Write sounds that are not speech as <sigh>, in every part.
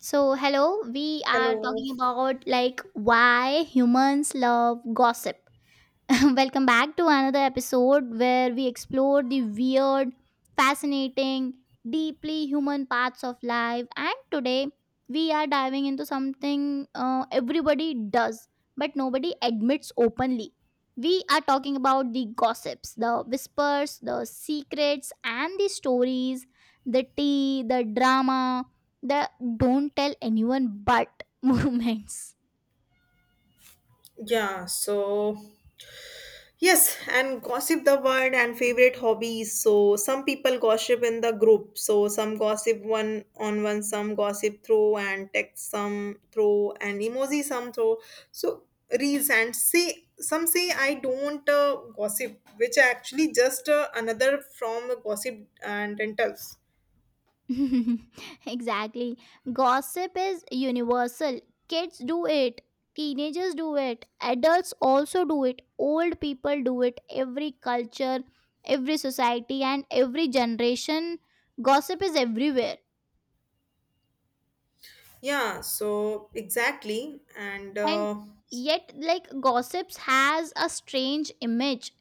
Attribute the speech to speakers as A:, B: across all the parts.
A: So, hello, we are
B: Hello.
A: talking about like why humans love gossip. <laughs> Welcome back to another episode where we explore the weird, fascinating, deeply human parts of life. And today we are diving into something everybody does but nobody admits openly. We are talking about the gossips, the whispers, the secrets, and the stories, the tea, the drama, the don't tell anyone but <laughs> moments.
B: Yeah, so yes, and gossip the word and favorite hobbies. So some people gossip in the group. So some gossip one on one, some gossip through and text, some through and emoji, some through. So reels and say some say I don't gossip, which are actually just another from gossip and rentals.
A: <laughs> Exactly. Gossip is universal. Kids do it, teenagers do it, adults also do it, old people do it. Every culture, every society, and every generation, gossip is everywhere.
B: Yeah, so exactly, and
A: And yet, like, gossips has a strange image.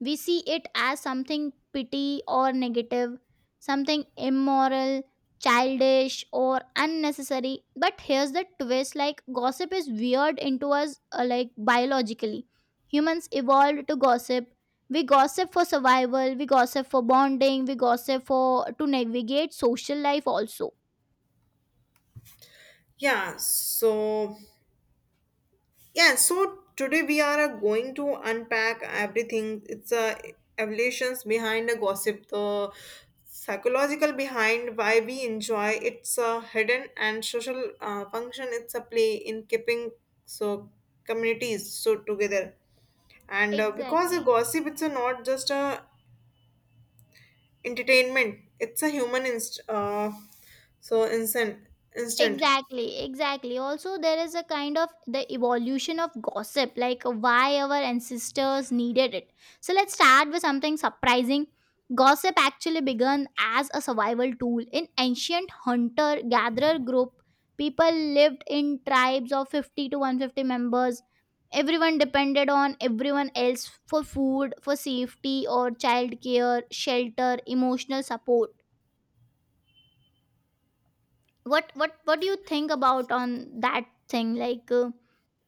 A: We see it as something petty or negative, something immoral, childish or unnecessary. But here's the twist, like gossip is weird into us, like biologically humans evolved to gossip. We gossip for survival, we gossip for bonding, we gossip for to navigate social life also.
B: yeah, so today we are going to unpack everything. It's evolutions behind the gossip, the psychological behind why we enjoy its a hidden and social function. It's a play in keeping so communities so together. And because a
A: Exactly.
B: gossip, it's a not just a entertainment. It's a human so instant instant.
A: Exactly, exactly. Also, there is a kind of the evolution of gossip, like why our ancestors needed it. So, let's start with something surprising. Gossip actually began as a survival tool. In ancient hunter gatherer group, people lived in tribes of 50 to 150 members. Everyone depended on everyone else for food, for safety, or child care, shelter, emotional support. What do you think about on that thing, like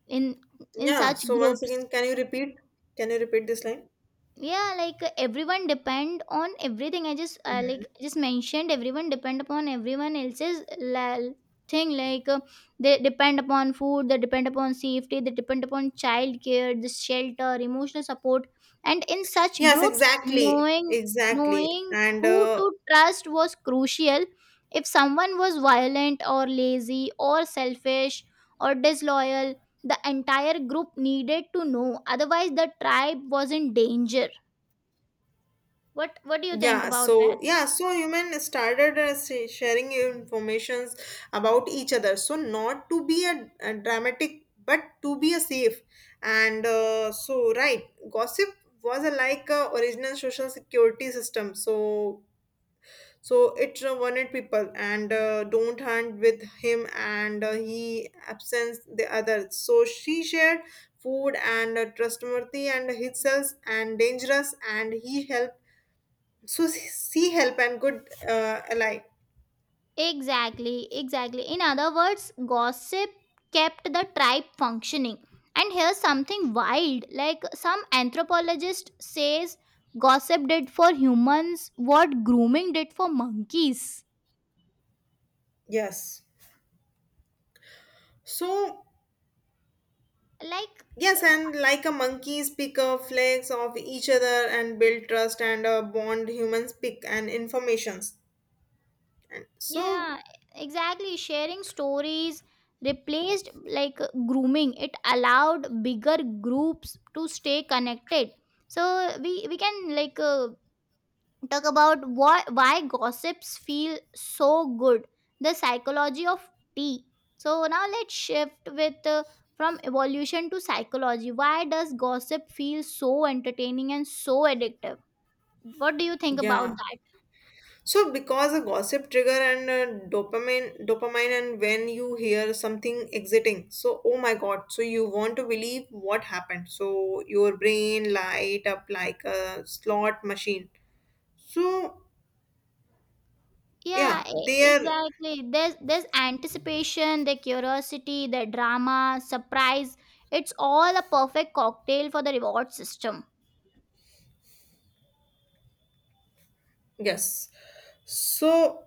A: in in
B: Yeah.
A: such
B: So once
A: groups?
B: again, can you repeat? Can you repeat this line?
A: Yeah, like everyone depend on everything. I just like just mentioned everyone depend upon everyone else's thing, like they depend upon food, they depend upon safety, they depend upon child care, the shelter, emotional support. And in such
B: Yes,
A: groups,
B: exactly,
A: knowing
B: exactly,
A: knowing
B: and
A: who to trust was crucial. If someone was violent or lazy or selfish or disloyal, the entire group needed to know, otherwise the tribe was in danger. What do you think
B: yeah,
A: about
B: so
A: that?
B: yeah, so human started sharing informations about each other. So not to be a dramatic, but to be a safe, and so right, gossip was a, like a original social security system. So it wanted people and don't hunt with him and he absents the others. So she shared food and trustworthy and himself and dangerous and he helped. So she help and good ally.
A: Exactly, exactly. In other words, gossip kept the tribe functioning. And here's something wild. Like, some anthropologist says gossip did for humans what grooming did for monkeys.
B: Yes. So
A: Like,
B: yes, and like a monkeys pick a flakes of each other and build trust and bond. Humans pick and informations. And so
A: yeah, exactly. Sharing stories replaced like grooming. It allowed bigger groups to stay connected. So we can like talk about why gossips feel so good, the psychology of tea. So now let's shift with from evolution to psychology. Why does gossip feel so entertaining and so addictive? What do you think about
B: yeah.
A: that?
B: So, because a gossip trigger and dopamine, dopamine, and when you hear something exiting, so oh my god, so you want to believe what happened. So your brain light up like a slot machine. So
A: Yeah,
B: yeah, they are
A: exactly, there's anticipation, the curiosity, the drama, surprise. It's all a perfect cocktail for the reward system.
B: yes. So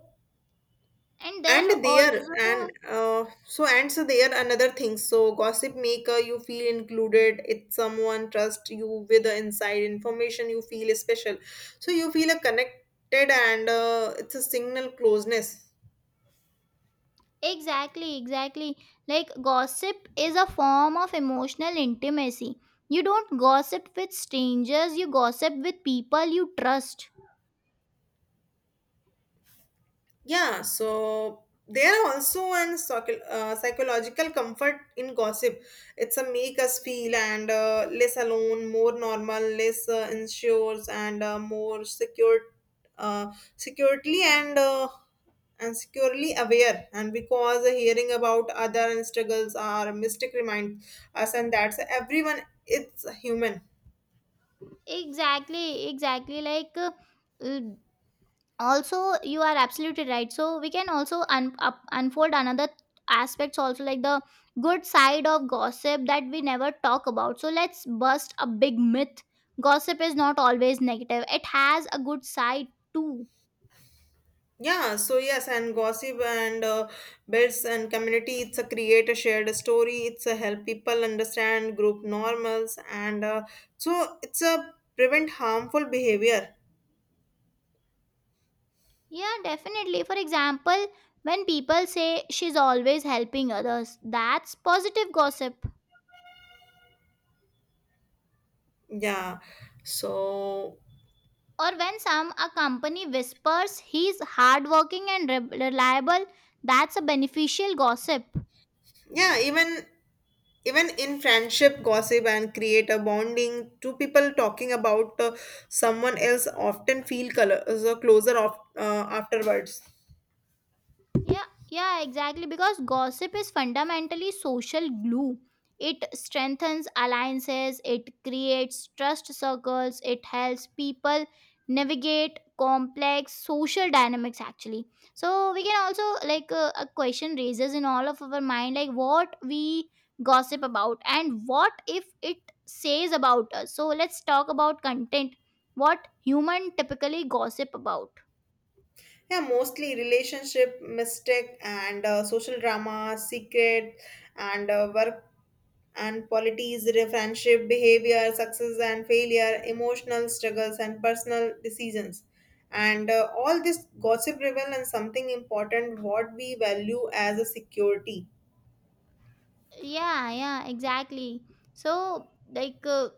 A: And there
B: and there and
A: also.
B: so and so there another thing, so gossip maker you feel included, it's someone trust you with the inside information, you feel special, so you feel a connected, and it's a signal closeness.
A: Exactly, exactly. Like, gossip is a form of emotional intimacy. You don't gossip with strangers, you gossip with people you trust.
B: There are also an psychological comfort in gossip. It's a make us feel and less alone, more normal, less insures and more secure, securely and securely aware. And because hearing about other struggles are mystic remind us, and that's everyone. It's human.
A: Exactly, exactly. Like, uh, also, you are absolutely right. So, we can also unfold another aspects also, like the good side of gossip that we never talk about. So, let's bust a big myth. Gossip is not always negative, it has a good side too.
B: Yeah, so yes, and gossip and builds and community. It's a create a shared story. It's a help people understand group normals, and so it's a prevent harmful behavior.
A: Yeah, definitely. For example, when people say she's always helping others, that's positive gossip.
B: Yeah, so
A: Or when some a company whispers he's hardworking and reliable, that's a beneficial gossip.
B: yeah, even even in friendship, gossip and create a bonding. Two people talking about someone else often feel color, closer of, afterwards.
A: Yeah, yeah, exactly. Because gossip is fundamentally social glue. It strengthens alliances, it creates trust circles, it helps people navigate complex social dynamics actually. So we can also like a question raises in all of our mind, like what we gossip about and what if it says about us. So let's talk about content. What human typically gossip about?
B: Yeah, mostly relationship, mistake, and social drama, secret, and work and polities, friendship, behavior, success and failure, emotional struggles, and personal decisions. And all this gossip reveal and something important what we value as a security.
A: Yeah, yeah, exactly. So, like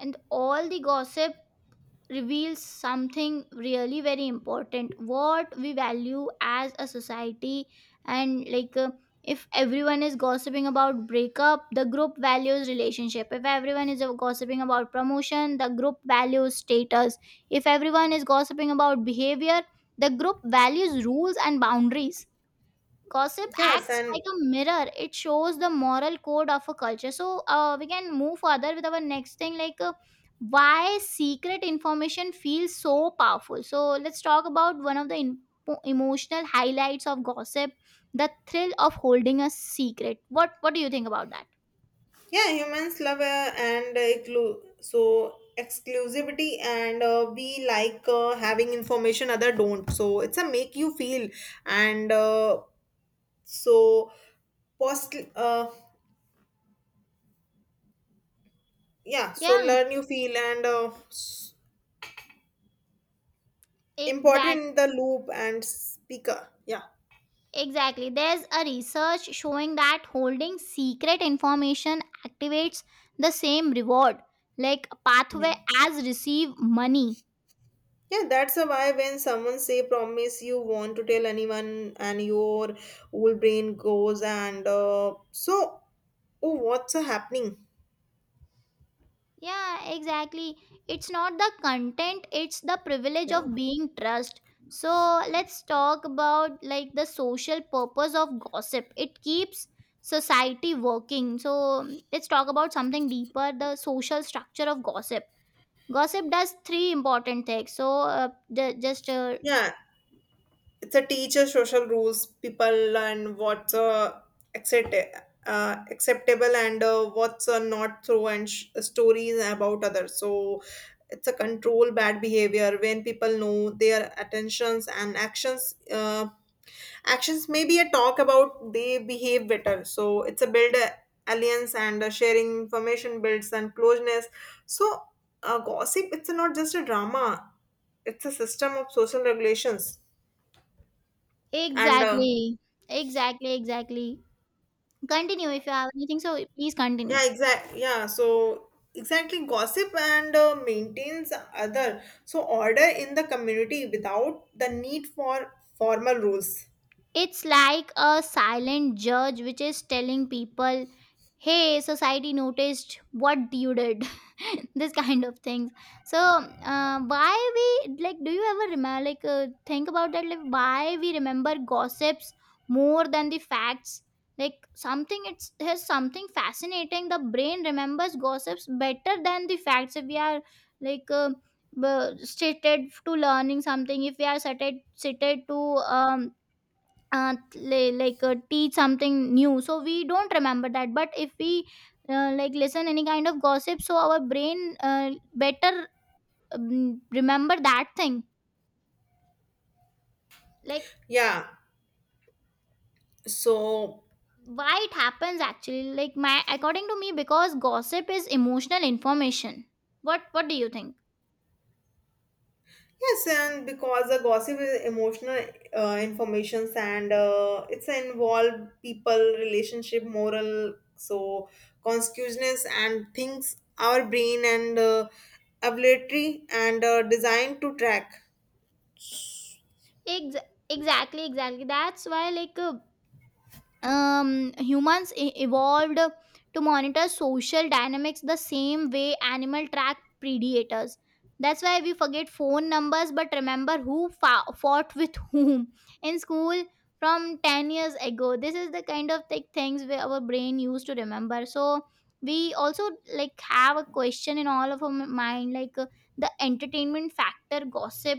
A: and all the gossip reveals something really very important, what we value as a society. And like if everyone is gossiping about breakup, the group values relationship. If everyone is gossiping about promotion, the group values status. If everyone is gossiping about behavior, the group values rules and boundaries. Gossip
B: Yes,
A: acts
B: and
A: like a mirror. It shows the moral code of a culture. So we can move further with our next thing, like why secret information feels so powerful. So let's talk about one of the emotional highlights of gossip: the thrill of holding a secret. What do you think about that?
B: Yeah, Humans love and exclu- so exclusivity, and we like having information other don't. So it's a make you feel, and so post yeah, so
A: Yeah,
B: learn you feel important
A: exact.
B: in the loop and speaker. Yeah,
A: Exactly. There's a research showing that holding secret information activates the same reward like
B: yeah,
A: pathway as receive money.
B: yeah. That's a why when someone say promise you want to tell anyone, and your whole brain goes and oh, what's happening?
A: Yeah, exactly. It's not the content, it's the privilege
B: Yeah.
A: of being trust. So let's talk about like the social purpose of gossip. It keeps society working. So let's talk about something deeper, the social structure of gossip. Gossip does three important things. So the, just
B: Yeah, it's a teacher social rules. People learn what's accept acceptable and what's not through and stories about others. So it's a control bad behavior when people know their attentions and actions. Actions may be a talk about they behave better. So it's a build alliance and sharing information builds and closeness. So gossip it's not just a drama; it's a system of social regulations. And
A: exactly, exactly, exactly. Continue if you have anything. So please continue.
B: yeah exact yeah so Exactly, gossip and maintains other so order in the community without the need for formal rules.
A: It's like a silent judge which is telling people, hey, society noticed what you did. <laughs> This kind of things. So, why we, like, do you ever remember, like, think about that? Like, why we remember gossips more than the facts? Like, something, it's, has something fascinating. The brain remembers gossips better than the facts. If we are, like, stated to learning something, if we are stated to, like teach something new, so we don't remember that. But if we like listen any kind of gossip, so our brain better remember that thing. Like,
B: Yeah so
A: why it happens actually? Like, my according to me, because gossip is emotional information. What do you think?
B: yes and Because the gossip is emotional informations, and it's involved people relationship moral so consciousness and things our brain and ability and designed to track.
A: Ex- exactly, exactly. That's why, like humans evolved to monitor social dynamics the same way animal track predators. That's why we forget phone numbers but remember who fought with whom in school from 10 years ago. This is the kind of like things where our brain used to remember. So we also like have a question in all of our mind, like the entertainment factor gossip.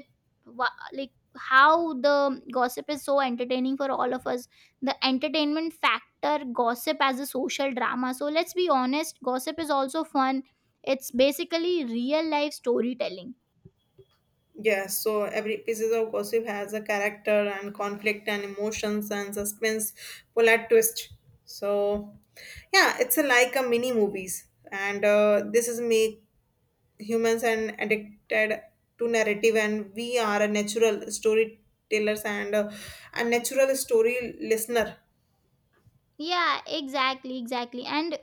A: Like, how the gossip is so entertaining for all of us? The entertainment factor gossip as a social drama. So let's be honest, gossip is also fun. It's basically real life storytelling.
B: Yes, so every pieces of gossip has a character and conflict and emotions and suspense, plot twist. So, yeah, it's a, like a mini movies, and this is make humans and addicted to narrative, and we are a natural storytellers and a natural story listener.
A: Yeah, exactly, exactly. And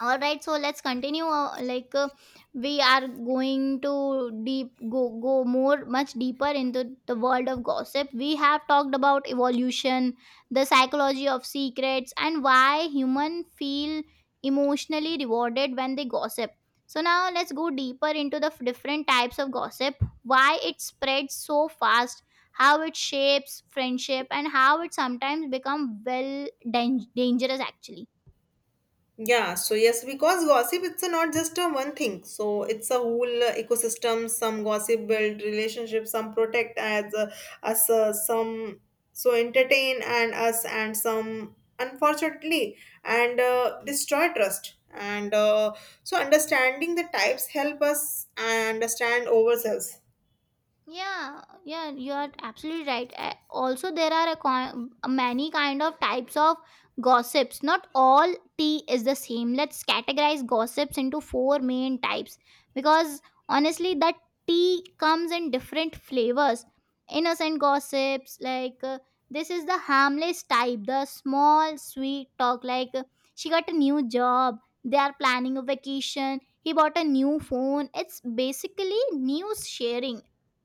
A: all right, so let's continue, like we are going to deep go more much deeper into the world of gossip. We have talked about evolution, the psychology of secrets, and why human feel emotionally rewarded when they gossip. So now let's go deeper into the different types of gossip, why it spreads so fast, how it shapes friendship, and how it sometimes become well dangerous actually.
B: Yeah, so yes, because gossip it's a not just a one thing. So it's a whole ecosystem. Some gossip build relationships, some protect as us, some so entertain and us, and some unfortunately and destroy trust. And understanding the types help us understand ourselves.
A: Yeah, yeah, you are absolutely right. Also, there are a many kind of types of gossips. Not all tea is the same. Let's categorize gossips into four main types, because honestly, that tea comes in different flavors. Innocent gossips, like this is the harmless type, the small, sweet talk, like she got a new job, they are planning a vacation, he bought a new phone. It's basically news sharing.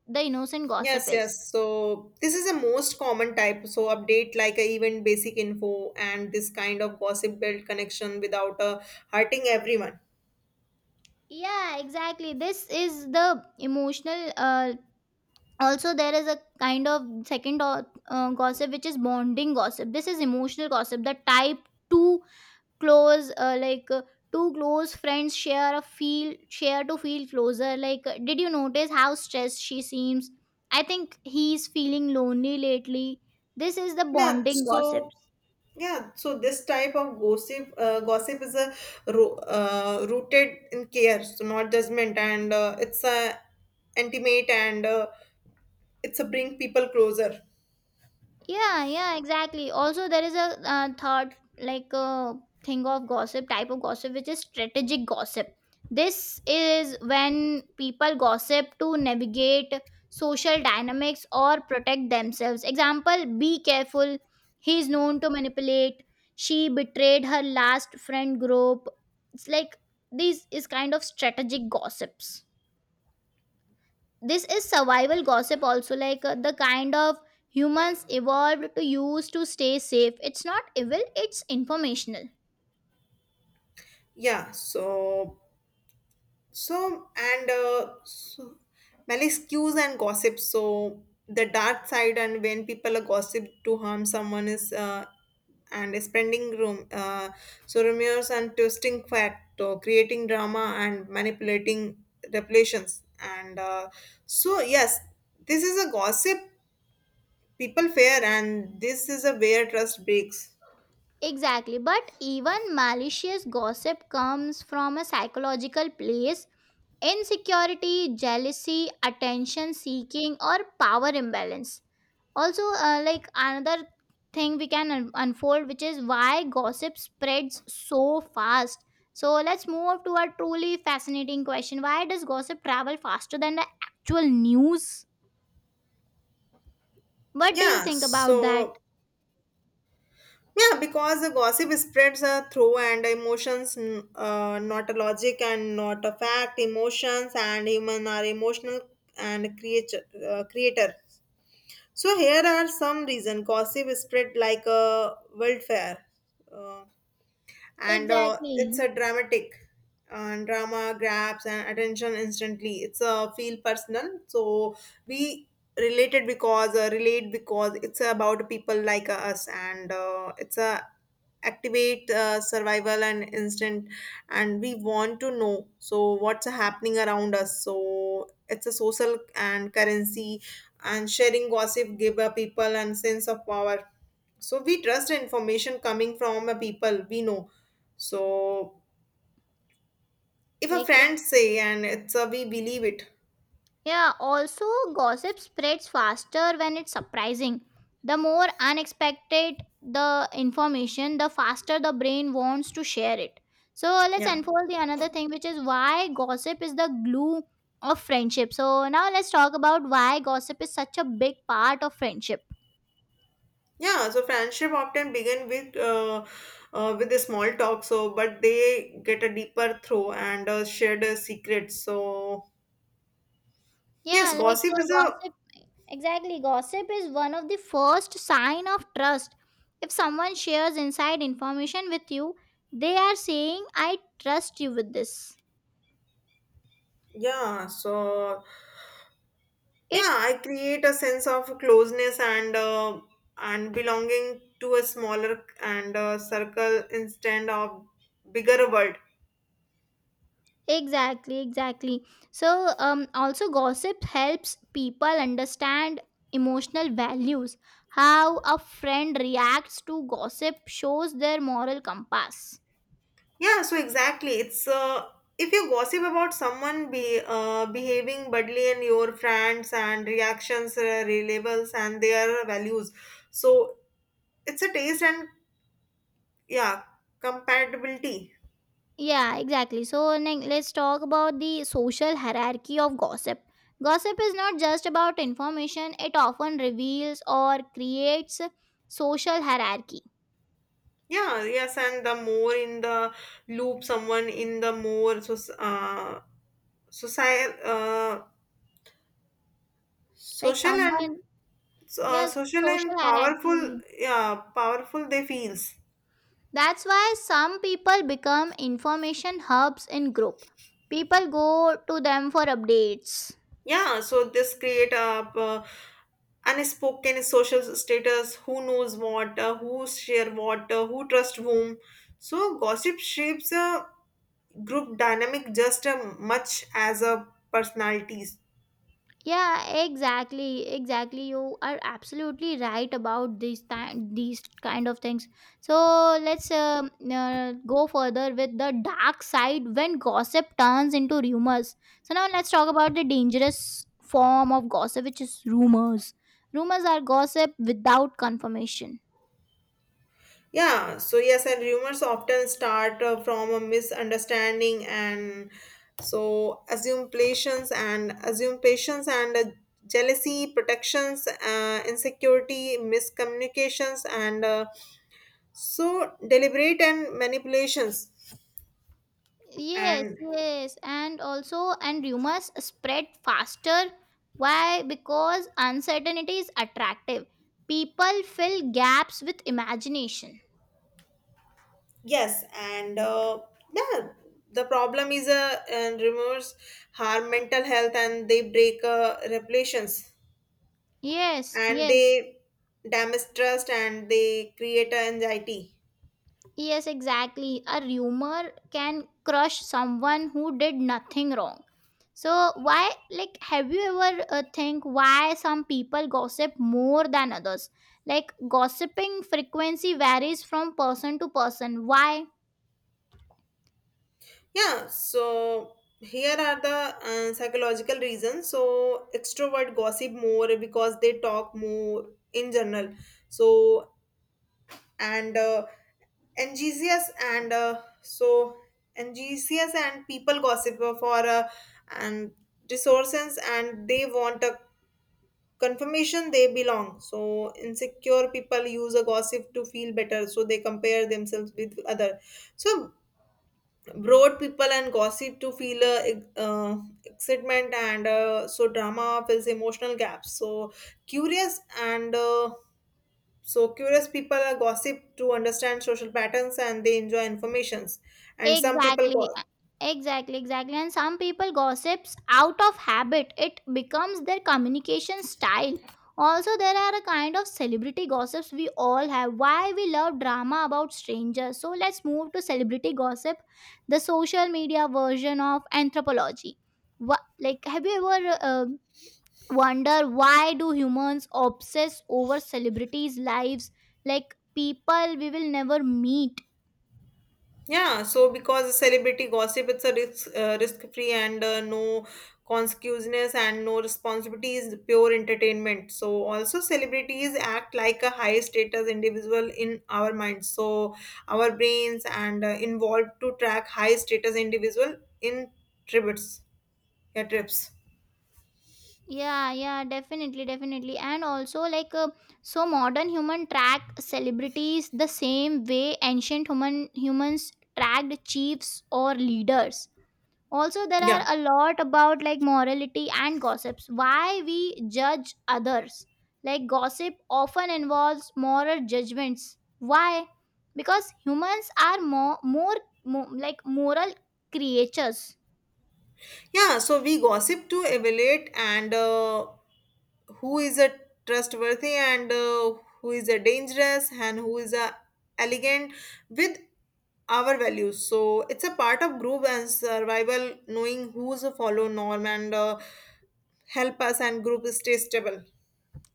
A: The innocent gossip
B: Yes,
A: is
B: yes. So this is the most common type. So update like a event basic info, and this kind of gossip build connection without hurting everyone.
A: yeah, exactly. This is the emotional also, there is a kind of second gossip, which is bonding gossip. This is emotional gossip, the type two close, like two close friends share a feel, share to feel closer, like did you notice how stressed she seems? I think he's feeling lonely lately. This is the
B: Yeah.
A: bonding
B: So
A: gossips.
B: yeah. So this type of gossip is a rooted in care, so not judgment, and it's a intimate and it's a bring people closer.
A: Yeah, yeah, exactly. Also, there is a third, like thing of gossip, type of gossip, which is strategic gossip. This is when people gossip to navigate social dynamics or protect themselves. Example: Be careful. He is known to manipulate. She betrayed her last friend group. It's like, this is kind of strategic gossips. This is survival gossip also, like the kind of humans evolved to use to stay safe. It's not evil, it's informational.
B: Yeah. So, and uh, so, Maliciousness and gossip. So, the dark side, and when people are gossip to harm someone is and is spreading room. So, rumors and twisting fact, or creating drama and manipulating revelations. Yes, this is a gossip people fear, and this is a where trust breaks.
A: Exactly, but even malicious gossip comes from a psychological place: insecurity, jealousy, attention seeking, or power imbalance. Also, like another thing we can unfold, which is why gossip spreads so fast. So, let's move to a truly fascinating question. Why does gossip travel faster than the actual news? What do you
B: Yeah,
A: think about that?
B: so Yeah, because the gossip spreads through and emotions, not a logic and not a fact. Emotions and human are emotional and creature, creator. So here are some reason gossip spread like a wildfire, uh, and it's
A: Exactly.
B: a dramatic. And drama grabs and attention instantly. It's a feel personal, so we relate because it's about people like us, and it's a activate survival and instant, and we want to know so what's happening around us, so it's a social and currency, and sharing gossip give a people and sense of power, so we trust the information coming from a people we know, so if a
A: Like, if
B: friend say and it's a we believe it.
A: yeah, also, gossip spreads faster when it's surprising. The more unexpected the information, the faster the brain wants to share it. So, let's
B: yeah
A: unfold the another thing, which is why gossip is the glue of friendship. So, now let's talk about why gossip is such a big part of friendship.
B: Friendship often begin with a small talk, so but they get a deeper through and shared secrets.
A: Yeah, like
B: Gossip is a
A: gossip. Exactly. Gossip is one of the first sign of trust. If someone shares inside information with you, they are saying, I trust you with this.
B: yeah. So yeah,
A: It
B: I create a sense of closeness and belonging to a smaller and circle instead of bigger world.
A: exactly, exactly. So, also, gossip helps people understand emotional values. How a friend reacts to gossip shows their moral compass.
B: Yeah, so exactly, it's if you gossip about someone be behaving badly and your friends and reactions, labels and their values. So it's a taste and yeah compatibility.
A: Yeah, exactly. So let's talk about the social hierarchy of gossip. Gossip is not just about information, it often reveals or creates social hierarchy.
B: Yeah, yes, and the more in the loop someone in the more society,
A: Like
B: social and
A: someone,
B: uh,
A: yes,
B: social
A: social
B: and powerful,
A: hierarchy.
B: yeah, powerful they feels.
A: That's why some people become information hubs in group. People go to them for updates.
B: Yeah, so this create a unspoken social status. Who knows what? Who share what? Who trust whom? So gossip shapes a group dynamic just as much as a personalities.
A: Yeah, exactly, exactly, you are absolutely right about these time these kind of things. So let's go further with the dark side when gossip turns into rumors. So now let's talk about the dangerous form of gossip, which is rumors. Rumors are gossip without confirmation.
B: Yeah, so yes, and rumors often start from a misunderstanding and so assume patience and jealousy, protections, insecurity, miscommunications, and deliberate and manipulations.
A: Yes,
B: And
A: yes, and also and rumors spread faster. Why? Because uncertainty is attractive. People fill gaps with imagination.
B: yes, and yeah, the problem is and rumors harm mental health, and they break regulations,
A: Yes,
B: and
A: yes,
B: they damage trust, and they create anxiety.
A: yes, exactly. A rumor can crush someone who did nothing wrong. So why, like, have you ever think why some people gossip more than others? Like, gossiping frequency varies from person to person. Why?
B: Here are the psychological reasons. So extrovert gossip more because they talk more in general. So and enthusiast and uh, so enthusiast and people gossip for and resources, and they want a confirmation they belong. So insecure people use a gossip to feel better, so they compare themselves with other. So broad people and gossip to feel uh, excitement, and drama fills emotional gaps. So curious and so curious people are gossip to understand social patterns, and they enjoy informations, and some people
A: Exactly.
B: go-
A: Exactly, exactly. And some people gossips out of habit. It becomes their communication style. Also, there are a kind of celebrity gossips we all have. Why we love drama about strangers. So let's move to celebrity gossip, the social media version of anthropology. What, like, have you ever wonder why do humans obsess over celebrities' lives? Like people we will never meet.
B: Because celebrity gossip, it's a risk, risk-free, and no conspicuousness and no responsibility is pure entertainment. So also celebrities act like a high-status individual in our minds. So our brains and involved to track high-status individual in tributes, yeah, trips.
A: Yeah, yeah, definitely, definitely. And also, like, so modern human track celebrities the same way ancient humans tracked chiefs or leaders. Also, there are
B: Yeah.
A: a lot about like morality and gossips. Why we judge others. Like, gossip often involves moral judgments. Why? Because humans are more like moral creatures.
B: Yeah, so we gossip to evaluate and who is a trustworthy and who is a dangerous and who is a elegant with our values. So it's a part of group and survival knowing who's a follow norm and help us and group stay stable.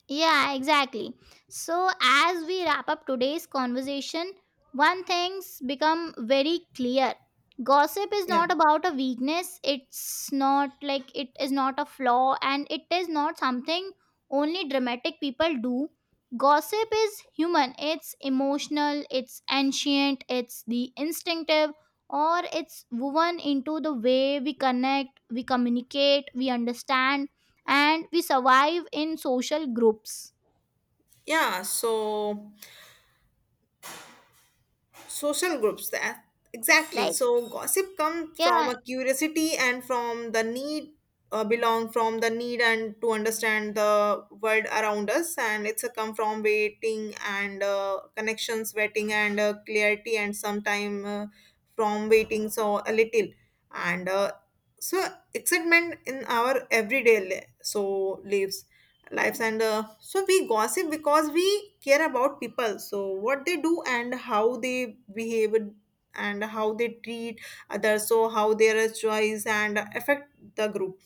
A: Yeah, exactly. So, as we wrap up today's conversation, one thing's become very clear. Gossip is
B: Yeah.
A: not about a weakness, it's not like it is not a flaw, and it is not something only dramatic people do. Gossip is human, it's emotional, it's ancient, it's the instinctive, or it's woven into the way we connect, we communicate, we understand and we survive in social groups,
B: Yeah, so social groups that exactly,
A: like,
B: so gossip comes from
A: yeah,
B: a curiosity and from the need belong, from the need and to understand the world around us, and it's a come from waiting and connections, waiting and clarity, and sometime from waiting, so a little and so excitement in our everyday lives, lives, and we gossip because we care about people, so what they do and how they behave and how they treat others, so how their choice and affect the group.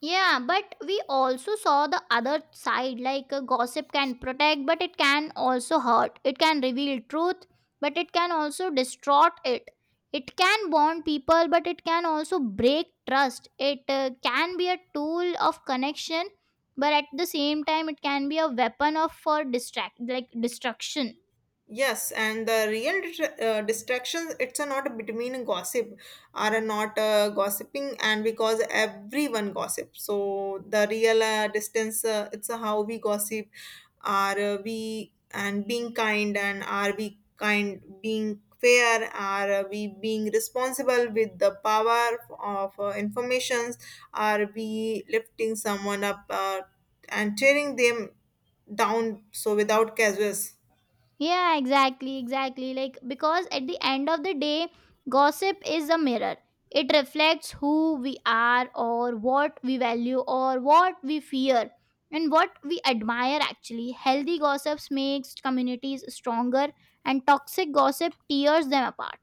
A: yeah, but we also saw the other side. Like, gossip can protect, but it can also hurt. It can reveal truth, but it can also distort it. It can bond people, but it can also break trust. It can be a tool of connection, but at the same time it can be a weapon of for distract like destruction.
B: Yes and The real distractions it's a not between gossip are not gossiping, and because everyone gossip, so the real distance it's how we gossip, are we and being kind, and are we kind being fair, are we being responsible with the power of informations, are we lifting someone up and tearing them down so without casuals.
A: Yeah, exactly, exactly. Like, because at the end of the day, gossip is a mirror. It reflects who we are, or what we value, or what we fear, and what we admire actually. Healthy gossips makes communities stronger, and toxic gossip tears them apart.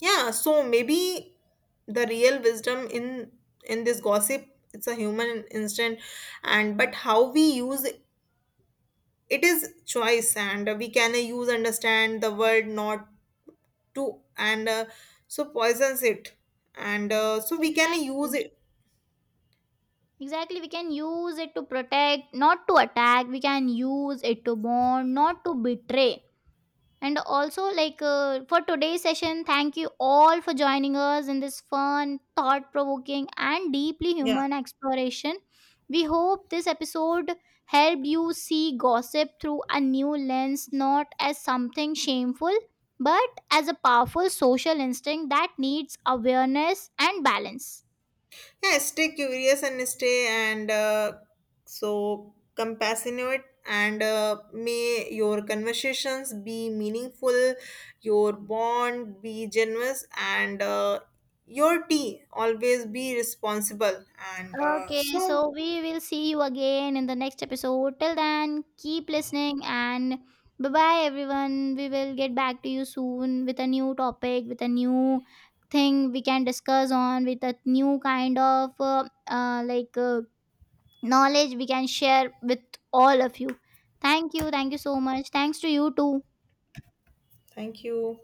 B: Maybe the real wisdom in this gossip it's a human instant, and but how we use it is choice, and we can use understand the word, not to and poisons it, and we can use
A: Exactly.
B: it.
A: Exactly. We can use it to protect, not to attack. We can use it to bond, not to betray. And also, like for today's session, thank you all for joining us in this fun, thought provoking, and deeply
B: Yeah.
A: human exploration. We hope this episode helped you see gossip through a new lens, not as something shameful, but as a powerful social instinct that needs awareness and balance.
B: Yeah Stay curious and stay and compassionate, and may your conversations be meaningful, your bond be generous, and your tea always be responsible. And
A: Okay,
B: so
A: so we will see you again in the next episode. Till then, keep listening and bye bye, everyone. We will get back to you soon with a new topic, with a new thing we can discuss on, with a new kind of knowledge we can share with all of you. Thank you. Thank you so much. Thanks to you too.
B: Thank you.